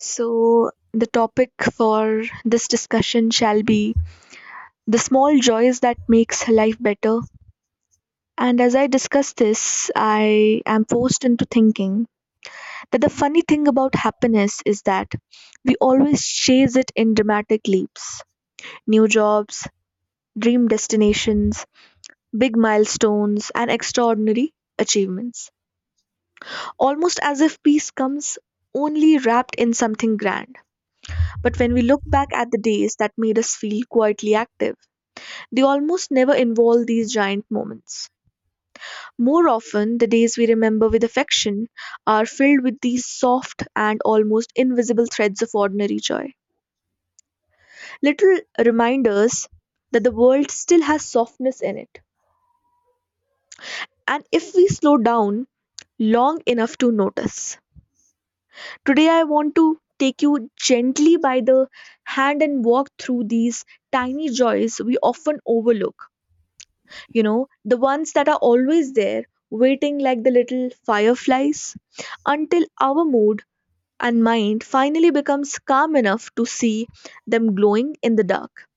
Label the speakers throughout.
Speaker 1: So, the topic for this discussion shall be the small joys that makes life better. And as I discuss this, I am forced into thinking that the funny thing about happiness is that we always chase it in dramatic leaps. New jobs, dream destinations, big milestones, and extraordinary achievements. Almost as if peace comes only wrapped in something grand. But when we look back at the days that made us feel quietly active, they almost never involve these giant moments. More often, the days we remember with affection are filled with these soft and almost invisible threads of ordinary joy. Little reminders that the world still has softness in it. And if we slow down long enough to notice. Today, I want to take you gently by the hand and walk through these tiny joys we often overlook, you know, the ones that are always there, waiting like the little fireflies, until our mood and mind finally becomes calm enough to see them glowing in the dark.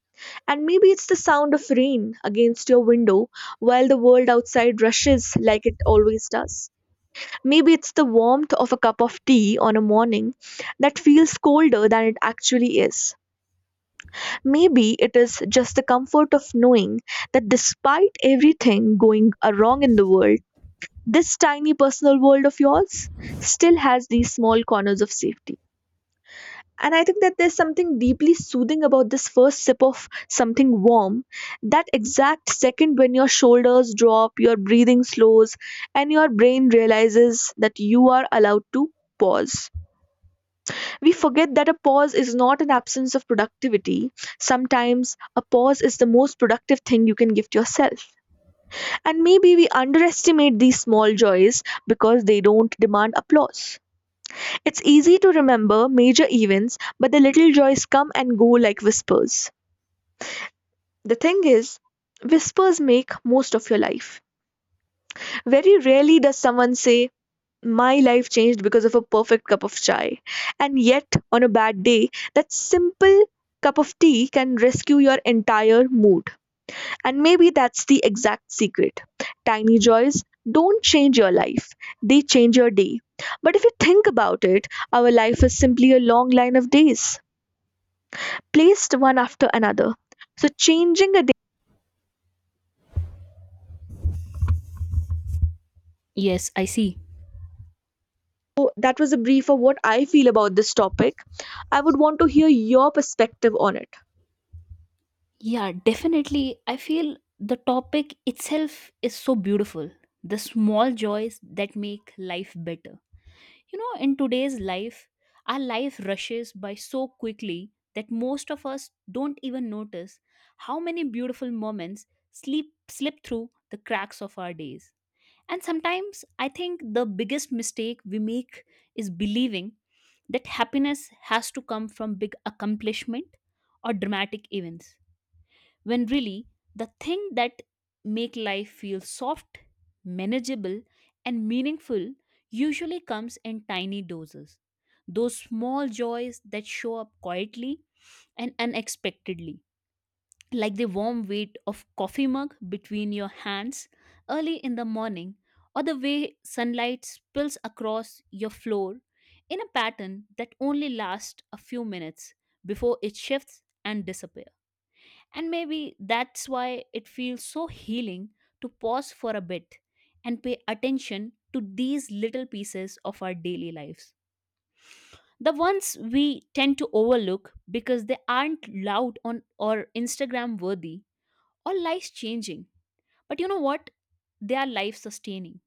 Speaker 1: And maybe it's the sound of rain against your window while the world outside rushes like it always does. Maybe it's the warmth of a cup of tea on a morning that feels colder than it actually is. Maybe it is just the comfort of knowing that despite everything going wrong in the world, this tiny personal world of yours still has these small corners of safety. And I think that there's something deeply soothing about this first sip of something warm. That exact second when your shoulders drop, your breathing slows, and your brain realizes that you are allowed to pause. We forget that a pause is not an absence of productivity. Sometimes a pause is the most productive thing you can give yourself. And maybe we underestimate these small joys because they don't demand applause. It's easy to remember major events, but the little joys come and go like whispers. The thing is, whispers make most of your life. Very rarely does someone say, my life changed because of a perfect cup of chai. And yet, on a bad day, that simple cup of tea can rescue your entire mood. And maybe that's the exact secret. Tiny joys don't change your life, they change your day. But if you think about it, our life is simply a long line of days, placed one after another. So, changing a day,
Speaker 2: Yes, I see.
Speaker 1: so that was a brief of what I feel about this topic. I would want to hear your perspective on it.
Speaker 2: Yeah, definitely. I feel the topic itself is so beautiful. The small joys that make life better. In today's life, our life rushes by so quickly that most of us don't even notice how many beautiful moments sleep slip through the cracks of our days. And sometimes I think the biggest mistake we make is believing that happiness has to come from big accomplishment or dramatic events when really the thing that make life feel soft, manageable, and meaningful usually comes in tiny doses, those small joys that show up quietly and unexpectedly, like the warm weight of coffee mug between your hands early in the morning, or the way sunlight spills across your floor in a pattern that only lasts a few minutes before it shifts and disappears. And maybe that's why it feels so healing to pause for a bit and pay attention to these little pieces of our daily lives. The ones we tend to overlook because they aren't loud on or Instagram worthy or life changing. But you know what? They are life sustaining.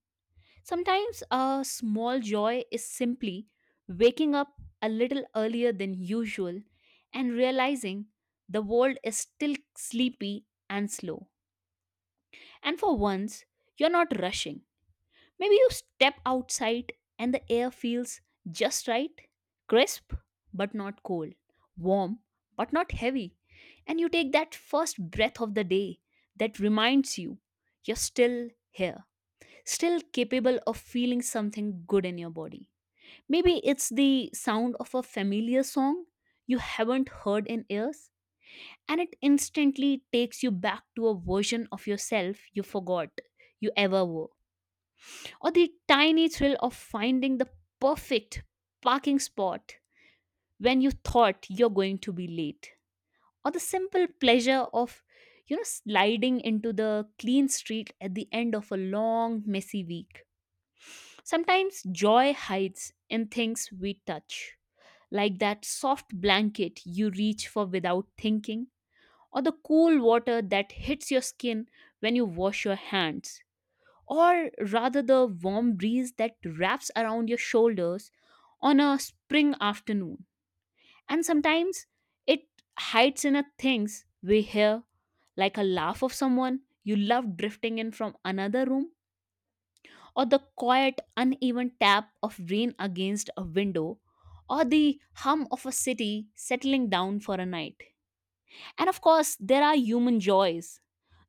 Speaker 2: Sometimes a small joy is simply waking up a little earlier than usual and realizing the world is still sleepy and slow. And for once, you're not rushing. Maybe you step outside and the air feels just right, crisp, but not cold, warm, but not heavy. And you take that first breath of the day that reminds you you're still here, still capable of feeling something good in your body. Maybe it's the sound of a familiar song you haven't heard in years and it instantly takes you back to a version of yourself you forgot you ever were. Or the tiny thrill of finding the perfect parking spot when you thought you're going to be late. Or the simple pleasure of sliding into the clean street at the end of a long messy week. Sometimes joy hides in things we touch, like that soft blanket you reach for without thinking, or the cool water that hits your skin when you wash your hands, or rather the warm breeze that wraps around your shoulders on a spring afternoon. And sometimes it hides in a things we hear, like a laugh of someone you love drifting in from another room, or the quiet, uneven tap of rain against a window, or the hum of a city settling down for a night. And of course, there are human joys,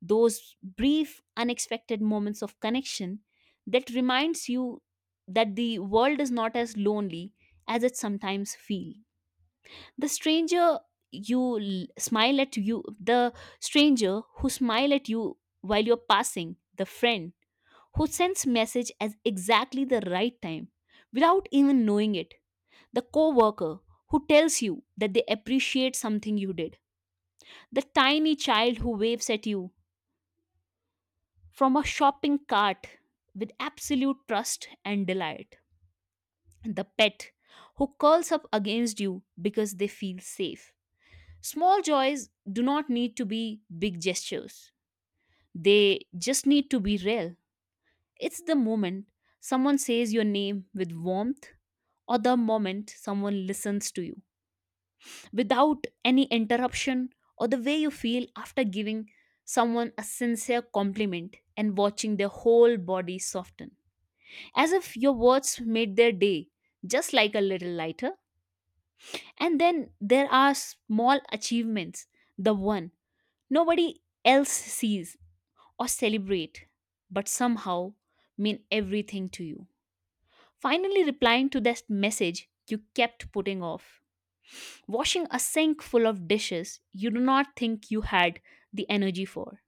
Speaker 2: those brief unexpected moments of connection that reminds you that the world is not as lonely as it sometimes feels. The stranger you l- smile at you the stranger who smile at you while you're passing, the friend who sends message at exactly the right time without even knowing it, the coworker who tells you that they appreciate something you did, the tiny child who waves at you from a shopping cart with absolute trust and delight. The pet who curls up against you because they feel safe. Small joys do not need to be big gestures, they just need to be real. It's the moment someone says your name with warmth, or the moment someone listens to you without any interruption, or the way you feel after giving someone a sincere compliment and watching their whole body soften, as if your words made their day just like a little lighter. And then there are small achievements, the one nobody else sees or celebrate, but somehow mean everything to you. Finally, replying to that message you kept putting off, washing a sink full of dishes you do not think you had the energy for,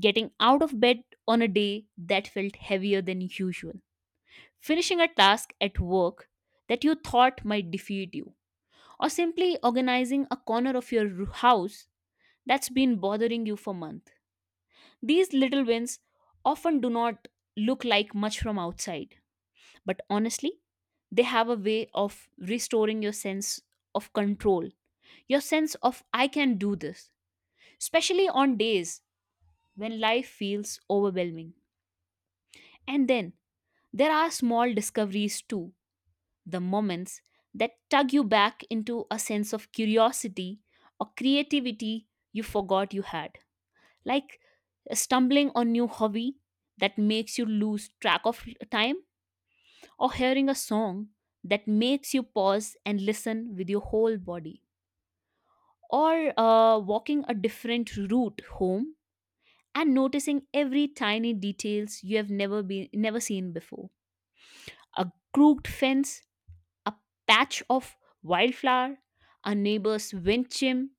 Speaker 2: getting out of bed on a day that felt heavier than usual, finishing a task at work that you thought might defeat you, or simply organizing a corner of your house that's been bothering you for months. These little wins often do not look like much from outside, but honestly, they have a way of restoring your sense of control, your sense of I can do this, especially on days when life feels overwhelming. And then there are small discoveries too, the moments that tug you back into a sense of curiosity or creativity you forgot you had. Like stumbling on new hobby that makes you lose track of time, or hearing a song that makes you pause and listen with your whole body, or walking a different route home and noticing every tiny details you have never seen before, a crooked fence, a patch of wildflower, a neighbor's wind chime,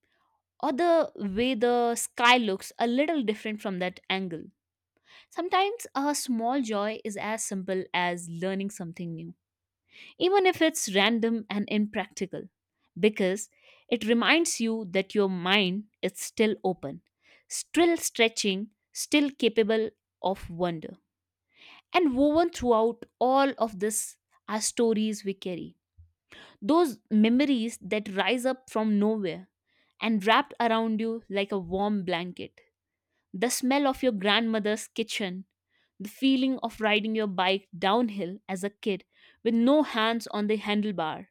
Speaker 2: or the way the sky looks a little different from that angle. Sometimes a small joy is as simple as learning something new, even if it's random and impractical, because it reminds you that your mind is still open, still stretching, still capable of wonder. And woven throughout all of this are stories we carry, those memories that rise up from nowhere and wrapped around you like a warm blanket. The smell of your grandmother's kitchen, the feeling of riding your bike downhill as a kid with no hands on the handlebar,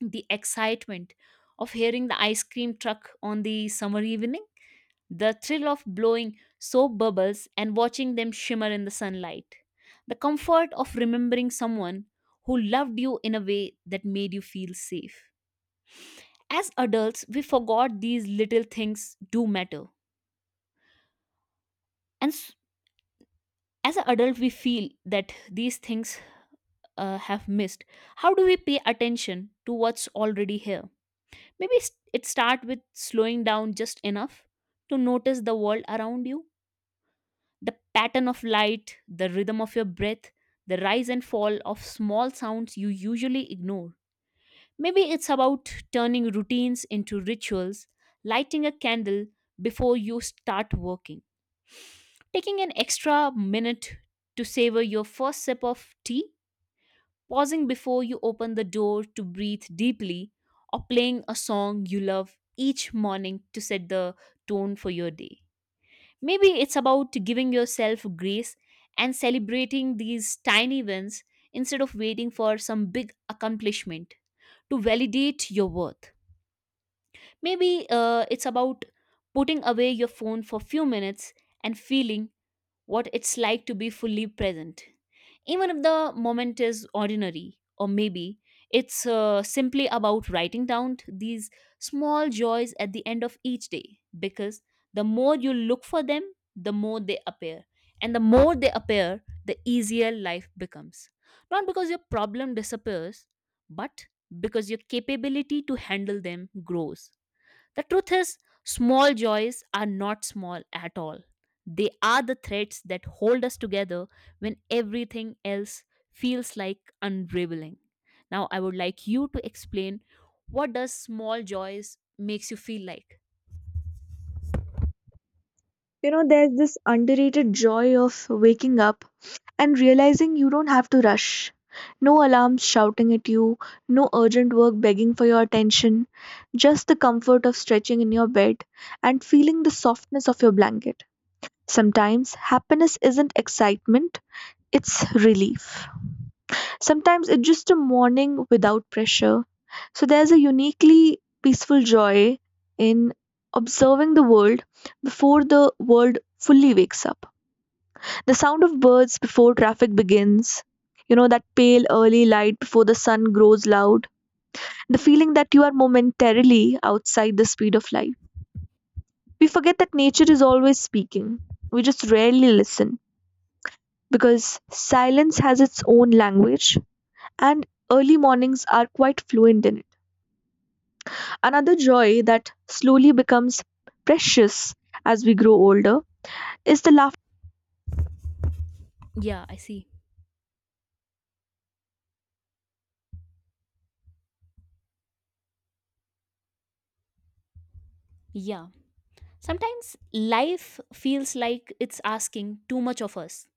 Speaker 2: the excitement of hearing the ice cream truck on the summer evening, the thrill of blowing soap bubbles and watching them shimmer in the sunlight, the comfort of remembering someone who loved you in a way that made you feel safe. As adults we forgot these little things do matter, and as an adult we feel that these things have missed. How do we pay attention to what's already here? Maybe it start with slowing down just enough to notice the world around you, the pattern of light, the rhythm of your breath, the rise and fall of small sounds you usually ignore. Maybe it's about turning routines into rituals, lighting a candle before you start working, taking an extra minute to savor your first sip of tea, pausing before you open the door to breathe deeply, or playing a song you love each morning to set the tone for your day. Maybe it's about giving yourself grace and celebrating these tiny wins instead of waiting for some big accomplishment to validate your worth. Maybe it's about putting away your phone for few minutes and feeling what it's like to be fully present, even if the moment is ordinary, or maybe it's simply about writing down these small joys at the end of each day because the more you look for them, the more they appear. And the more they appear, the easier life becomes. Not because your problem disappears, but because your capability to handle them grows. The truth is, small joys are not small at all. They are the threads that hold us together when everything else feels like unraveling. Now I would like you to explain, what does small joys makes you feel like?
Speaker 1: You know, there's this underrated joy of waking up and realizing you don't have to rush. No alarms shouting at you, no urgent work begging for your attention, just the comfort of stretching in your bed and feeling the softness of your blanket. Sometimes happiness isn't excitement, it's relief. Sometimes it's just a morning without pressure. So there's a uniquely peaceful joy in observing the world before the world fully wakes up. The sound of birds before traffic begins, you know, that pale early light before the sun grows loud, the feeling that you are momentarily outside the speed of life. We forget that nature is always speaking. We just rarely listen because silence has its own language and early mornings are quite fluent in it. Another joy that slowly becomes precious as we grow older is the laughter.
Speaker 2: Yeah, I see. Yeah. Sometimes life feels like it's asking too much of us,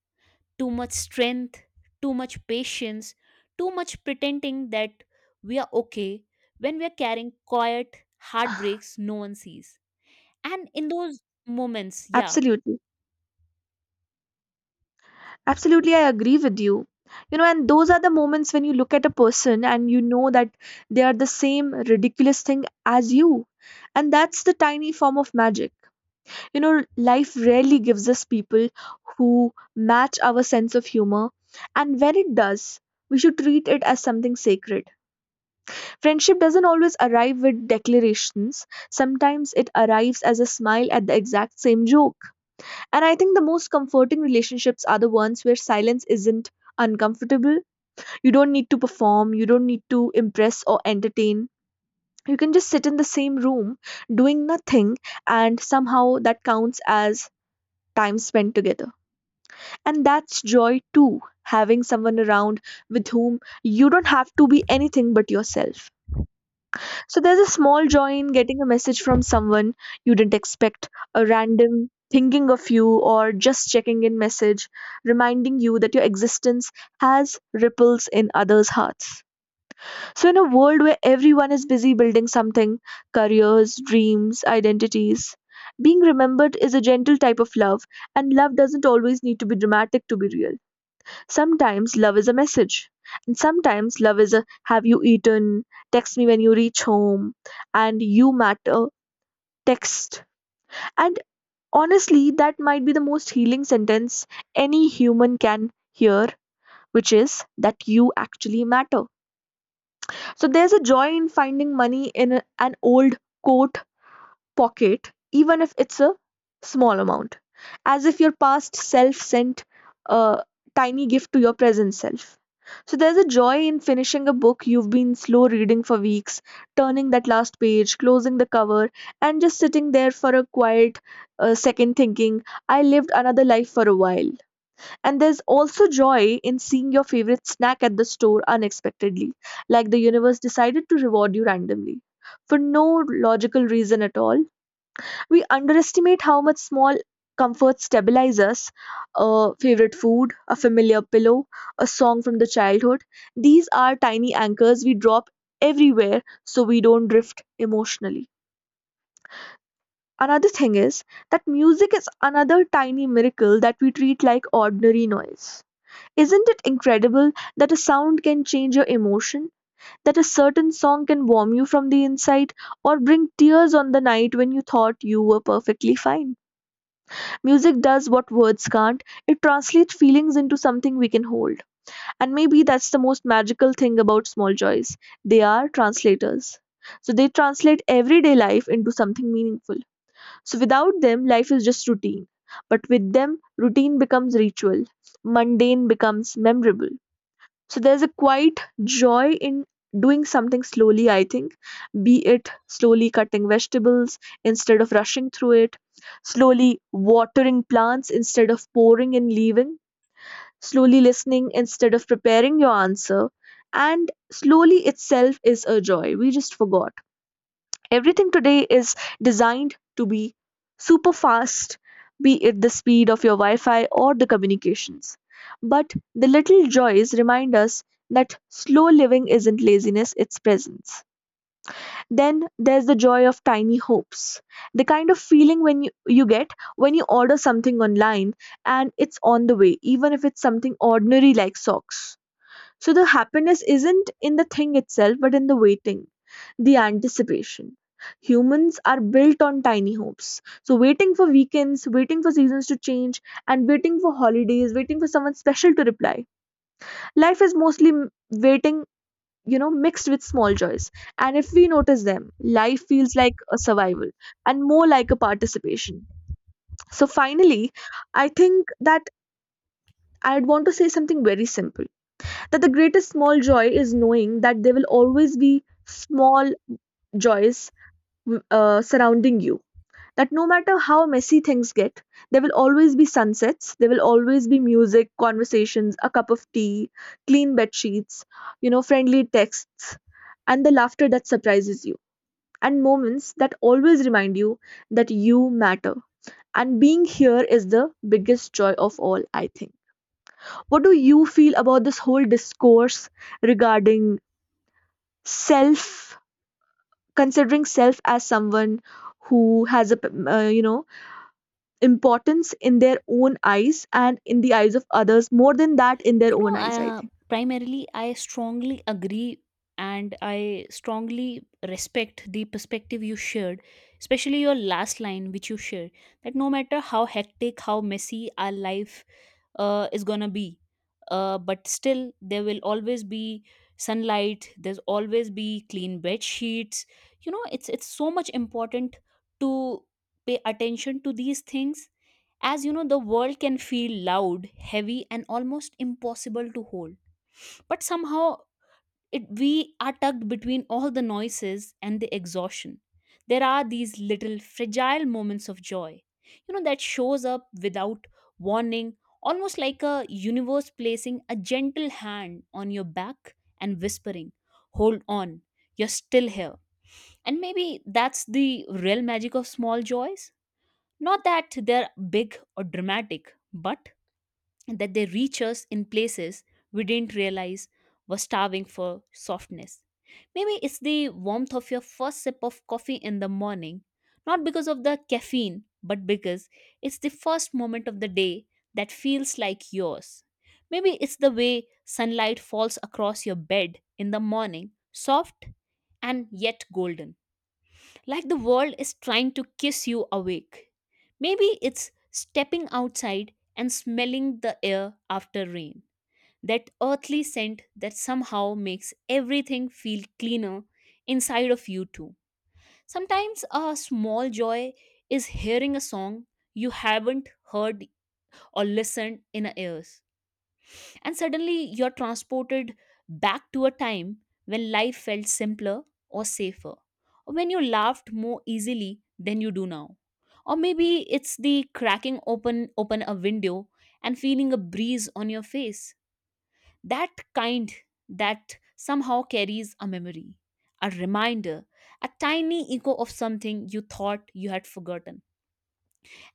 Speaker 2: too much strength, too much patience, too much pretending that we are okay when we are carrying quiet heartbreaks no one sees. And in those moments, yeah,
Speaker 1: Absolutely. Absolutely, I agree with you. You know, and those are the moments when you look at a person and you know that they are the same ridiculous thing as you. And that's the tiny form of magic. You know, life rarely gives us people who match our sense of humor. And when it does, we should treat it as something sacred. Friendship doesn't always arrive with declarations, sometimes it arrives as a smile at the exact same joke, and I think the most comforting relationships are the ones where silence isn't uncomfortable. You don't need to perform, you don't need to impress or entertain. You can just sit in the same room doing nothing, and somehow that counts as time spent together. And that's joy too, having someone around with whom you don't have to be anything but yourself. So there's a small joy in getting a message from someone you didn't expect, a random thinking of you or just checking in message, reminding you that your existence has ripples in others' hearts. So, in a world where everyone is busy building something, careers, dreams, identities, being remembered is a gentle type of love, and love doesn't always need to be dramatic to be real. Sometimes love is a message, and sometimes love is a have you eaten, text me when you reach home, and you matter, text. And honestly, that might be the most healing sentence any human can hear, which is that you actually matter. So there's a joy in finding money in an old coat pocket, even if it's a small amount, as if your past self sent a tiny gift to your present self. So there's a joy in finishing a book you've been slow reading for weeks, turning that last page, closing the cover, and just sitting there for a quiet second thinking, I lived another life for a while. And there's also joy in seeing your favorite snack at the store unexpectedly, like the universe decided to reward you randomly for no logical reason at all. We underestimate how much small comforts stabilize us, a favorite food, a familiar pillow, a song from the childhood. These are tiny anchors we drop everywhere so we don't drift emotionally. Another thing is that music is another tiny miracle that we treat like ordinary noise. Isn't it incredible that a sound can change your emotion? That a certain song can warm you from the inside or bring tears on the night when you thought you were perfectly fine? Music does what words can't. It translates feelings into something we can hold. And maybe that's the most magical thing about small joys. They are translators. So they translate everyday life into something meaningful. So without them, life is just routine. But with them, routine becomes ritual, mundane becomes memorable. So there's a quite joy in doing something slowly, I think, be it slowly cutting vegetables instead of rushing through it, slowly watering plants instead of pouring and leaving, slowly listening instead of preparing your answer. And slowly itself is a joy. We just forgot. Everything today is designed to be super fast, be it the speed of your Wi Fi or the communications. But the little joys remind us that slow living isn't laziness, it's presence. Then there's the joy of tiny hopes. The kind of feeling when you get when you order something online and it's on the way, even if it's something ordinary like socks. So the happiness isn't in the thing itself, but in the waiting, the anticipation. Humans are built on tiny hopes. So waiting for weekends, waiting for seasons to change, and waiting for holidays, waiting for someone special to reply. Life is mostly waiting, you know, mixed with small joys. And if we notice them, life feels like a survival and more like a participation. So finally, I think that I'd want to say something very simple, that the greatest small joy is knowing that there will always be small joys surrounding you. That no matter how messy things get, there will always be sunsets, there will always be music, conversations, a cup of tea, clean bed sheets, you know, friendly texts, and the laughter that surprises you, and moments that always remind you that you matter. And being here is the biggest joy of all, I think. What do you feel about this whole discourse regarding self, considering self as someone who has a importance in their own eyes and in the eyes of others, more than that in their
Speaker 2: you know
Speaker 1: own eyes, I
Speaker 2: uh,
Speaker 1: think.
Speaker 2: primarily I strongly agree and I strongly respect the perspective you shared, especially your last line which you shared, that no matter how hectic, how messy our life is gonna be, but still there will always be sunlight, there's always be clean bed sheets. You know, it's so much important to pay attention to these things. As you know, the world can feel loud, heavy, and almost impossible to hold, but somehow it we are tucked between all the noises and the exhaustion. There are these little fragile moments of joy, you know, that shows up without warning, almost like a universe placing a gentle hand on your back and whispering hold on, you're still here. And maybe that's the real magic of small joys, not that they're big or dramatic, but that they reach us in places we didn't realize were starving for softness. Maybe it's the warmth of your first sip of coffee in the morning, not because of the caffeine, but because it's the first moment of the day that feels like yours. Maybe it's the way sunlight falls across your bed in the morning, soft and yet golden, like the world is trying to kiss you awake. Maybe it's stepping outside and smelling the air after rain, that earthly scent that somehow makes everything feel cleaner inside of you too. Sometimes a small joy is hearing a song you haven't heard or listened in years and suddenly you're transported back to a time when life felt simpler or safer, or when you laughed more easily than you do now. Or maybe it's the cracking open a window and feeling a breeze on your face. That kind that somehow carries a memory, a reminder, a tiny echo of something you thought you had forgotten.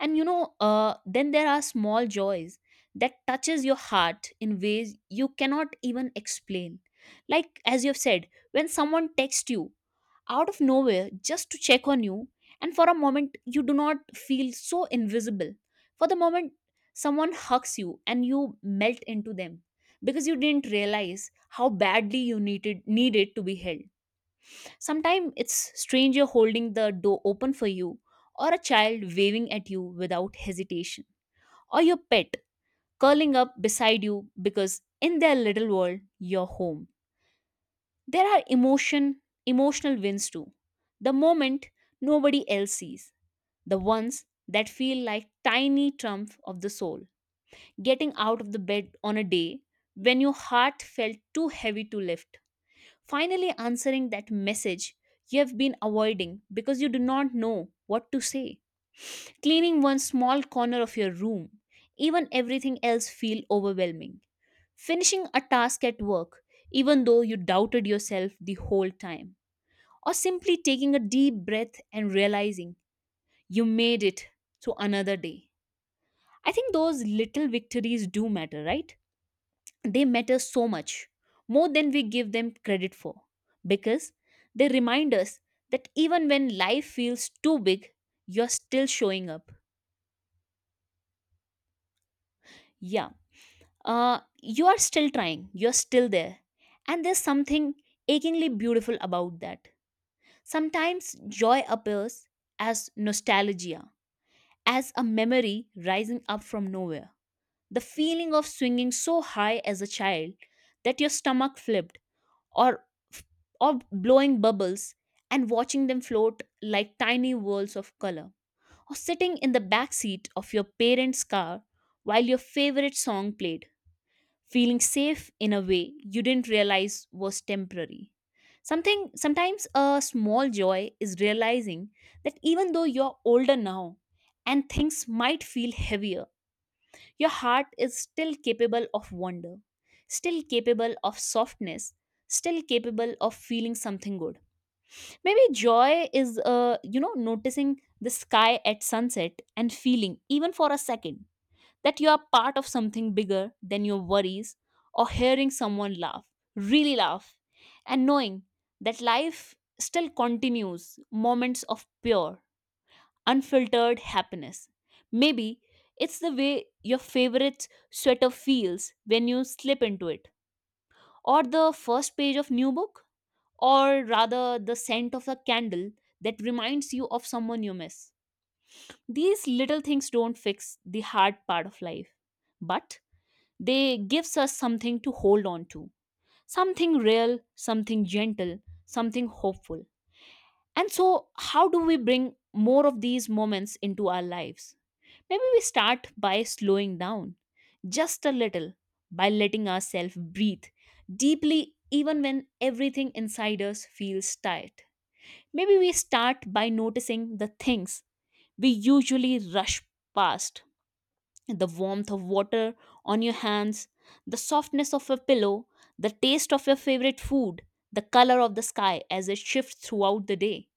Speaker 2: And you know Then there are small joys that touches your heart in ways you cannot even explain, like as you have said, when someone texts you out of nowhere just to check on you, and for a moment you do not feel so invisible. For the moment someone hugs you and you melt into them because you didn't realize how badly you needed to be held. Sometimes it's stranger holding the door open for you, or a child waving at you without hesitation, or your pet curling up beside you because in their little world, you're home. There are emotional wins too. The moment nobody else sees, the ones that feel like tiny trump of the soul. Getting out of the bed on a day when your heart felt too heavy to lift. Finally, answering that message you have been avoiding because you do not know what to say. Cleaning one small corner of your room, even everything else feel overwhelming. Finishing a task at work, even though you doubted yourself the whole time. Or simply taking a deep breath and realizing you made it to another day. I think those little victories do matter, right? They matter so much, more than we give them credit for, because they remind us that even when life feels too big, you're still showing up. Yeah, you are still trying, you're still there. And there's something achingly beautiful about that. Sometimes joy appears as nostalgia, as a memory rising up from nowhere. The feeling of swinging so high as a child that your stomach flipped, or or blowing bubbles and watching them float like tiny whirls of color, or sitting in the back seat of your parents' car while your favorite song played, feeling safe in a way you didn't realize was temporary. Something Sometimes a small joy is realizing that even though you're older now and things might feel heavier, your heart is still capable of wonder, still capable of softness, still capable of feeling something good. Maybe joy is, noticing the sky at sunset and feeling, even for a second, that you are part of something bigger than your worries, or hearing someone laugh, really laugh, and knowing that life still continues moments of pure, unfiltered happiness. Maybe it's the way your favorite sweater feels when you slip into it, or the first page of new book, or rather the scent of a candle that reminds you of someone you miss. These little things don't fix the hard part of life, but they gives us something to hold on to. Something real, something gentle, something hopeful. And so how do we bring more of these moments into our lives? Maybe we start by slowing down just a little, by letting ourselves breathe deeply, even when everything inside us feels tight. Maybe we start by noticing the things we usually rush past: the warmth of water on your hands, the softness of a pillow, the taste of your favorite food, the color of the sky as it shifts throughout the day.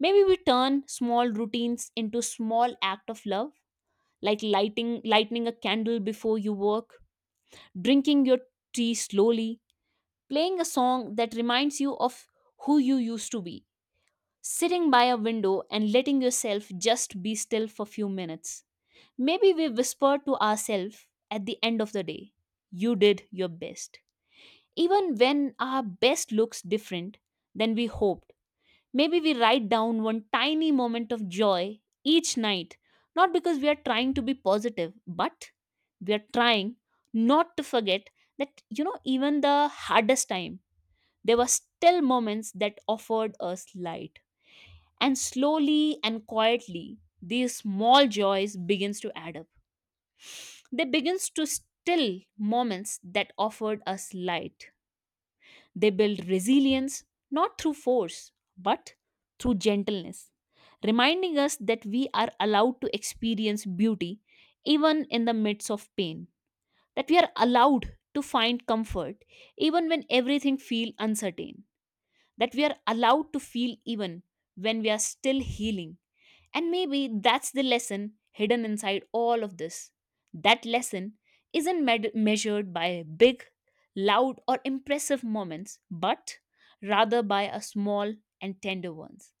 Speaker 2: Maybe we turn small routines into small act of love, like lighting a candle before you work, drinking your tea slowly, playing a song that reminds you of who you used to be, sitting by a window and letting yourself just be still for few minutes. Maybe we whisper to ourselves at the end of the day, you did your best. Even when our best looks different than we hoped. Maybe we write down one tiny moment of joy each night, not because we are trying to be positive, but we are trying not to forget that, even the hardest time, there were still moments that offered us light. And slowly and quietly, these small joys begins to add up. They begins to still moments that offered us light, they build resilience not through force, but through gentleness, reminding us that we are allowed to experience beauty even in the midst of pain, that we are allowed to find comfort even when everything feels uncertain, that we are allowed to feel even when we are still healing. And maybe that's the lesson hidden inside all of this. That lesson isn't measured by big, loud, or impressive moments, but rather by a small and tender ones.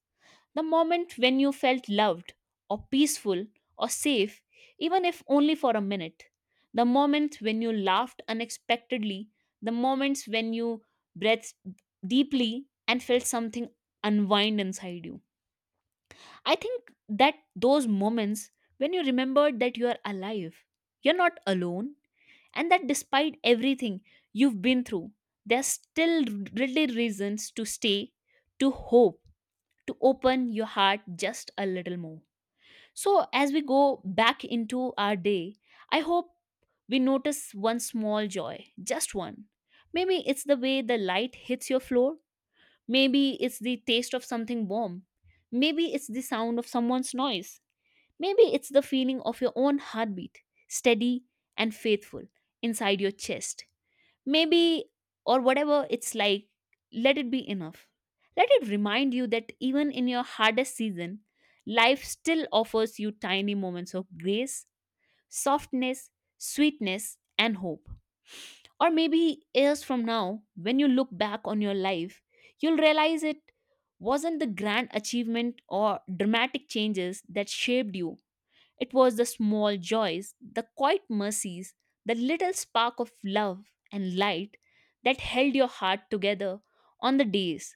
Speaker 2: The moment when you felt loved, or peaceful, or safe, even if only for a minute. The moment when you laughed unexpectedly, the moments when you breathed deeply and felt something unwind inside you. I think that those moments when you remembered that you are alive, you're not alone, and that despite everything you've been through, there's still really reasons to stay, to hope, to open your heart just a little more. So, as we go back into our day, I hope we notice one small joy, just one. Maybe it's the way the light hits your floor, maybe it's the taste of something warm, maybe it's the sound of someone's noise. Maybe it's the feeling of your own heartbeat, steady and faithful, inside your chest. Maybe, or whatever it's like, let it be enough. Let it remind you that even in your hardest season, life still offers you tiny moments of grace, softness, sweetness, and hope. Or maybe years from now, when you look back on your life, you'll realize it wasn't the grand achievement or dramatic changes that shaped you. It was the small joys, the quiet mercies, the little spark of love and light that held your heart together on the days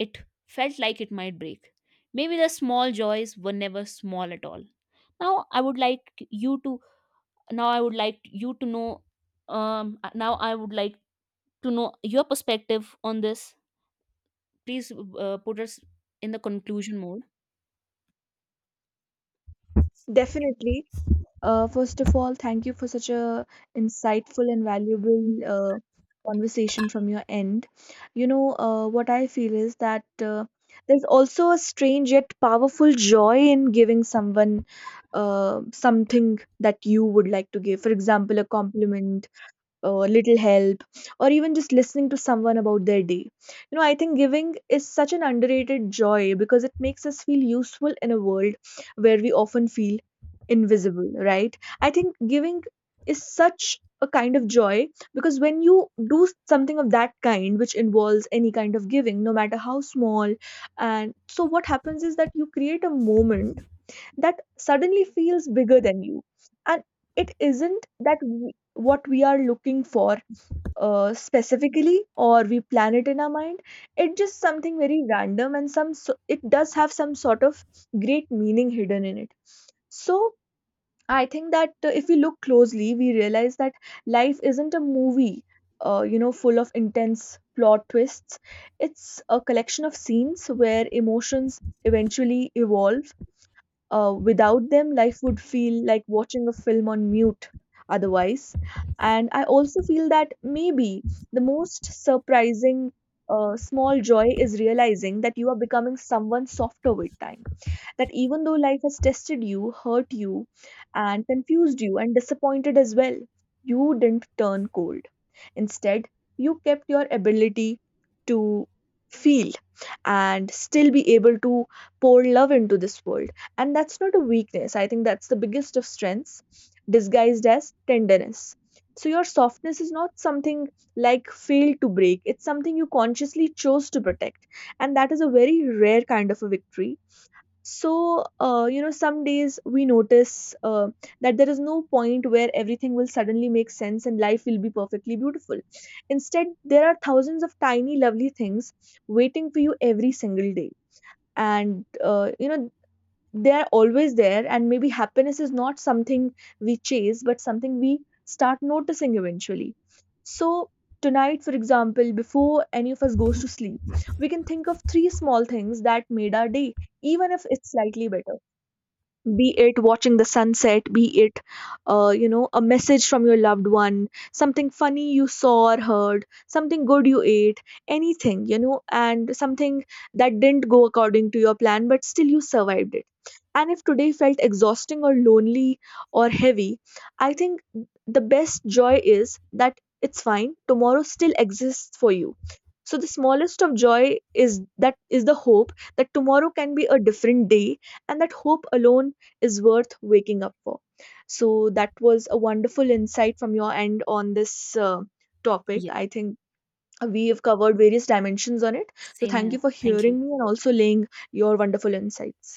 Speaker 2: it felt like it might break. Maybe the small joys were never small at all. Now I would like you to now I would like you to know Now I would like to know your perspective on this. Please, put us in the conclusion mode.
Speaker 1: Definitely, first of all, thank you for such a insightful and valuable conversation from your end. What I feel is that there's also a strange yet powerful joy in giving someone something that you would like to give, for example a compliment, a little help, or even just listening to someone about their day. I think giving is such an underrated joy because it makes us feel useful in a world where we often feel invisible, right? I think giving is such a kind of joy, because when you do something of that kind, which involves any kind of giving no matter how small, and so what happens is that you create a moment that suddenly feels bigger than you. And it isn't that what we are looking for specifically, or we plan it in our mind. It's just something very random, and some so, it does have some sort of great meaning hidden in it. So I think that if we look closely, we realize that life isn't a movie, full of intense plot twists. It's a collection of scenes where emotions eventually evolve. Without them, life would feel like watching a film on mute, otherwise. And I also feel that maybe the most surprising small joy is realizing that you are becoming someone softer with time, that even though life has tested you, hurt you, and confused you, and disappointed as well, you didn't turn cold. Instead, you kept your ability to feel and still be able to pour love into this world. And that's not a weakness. I think that's the biggest of strengths, disguised as tenderness. So, your softness is not something like failed to break, it's something you consciously chose to protect. And that is a very rare kind of a victory. So some days we notice that there is no point where everything will suddenly make sense and life will be perfectly beautiful. Instead, there are thousands of tiny lovely things waiting for you every single day. And they're always there. And maybe happiness is not something we chase, but something we start noticing eventually. So tonight, for example, before any of us goes to sleep, we can think of three small things that made our day, even if it's slightly better. Be it watching the sunset, be it a message from your loved one, something funny you saw or heard, something good you ate, anything, and something that didn't go according to your plan but still you survived it. And if today felt exhausting or lonely or heavy, I think the best joy is that it's fine, tomorrow still exists for you. So the smallest of joy is that, is the hope that tomorrow can be a different day, and that hope alone is worth waking up for. So that was a wonderful insight from your end on this topic.
Speaker 2: Yes,
Speaker 1: I think we have covered various dimensions on it. So
Speaker 2: same
Speaker 1: thank you
Speaker 2: here.
Speaker 1: for
Speaker 2: Thank
Speaker 1: hearing me
Speaker 2: you.
Speaker 1: and also laying your wonderful insights.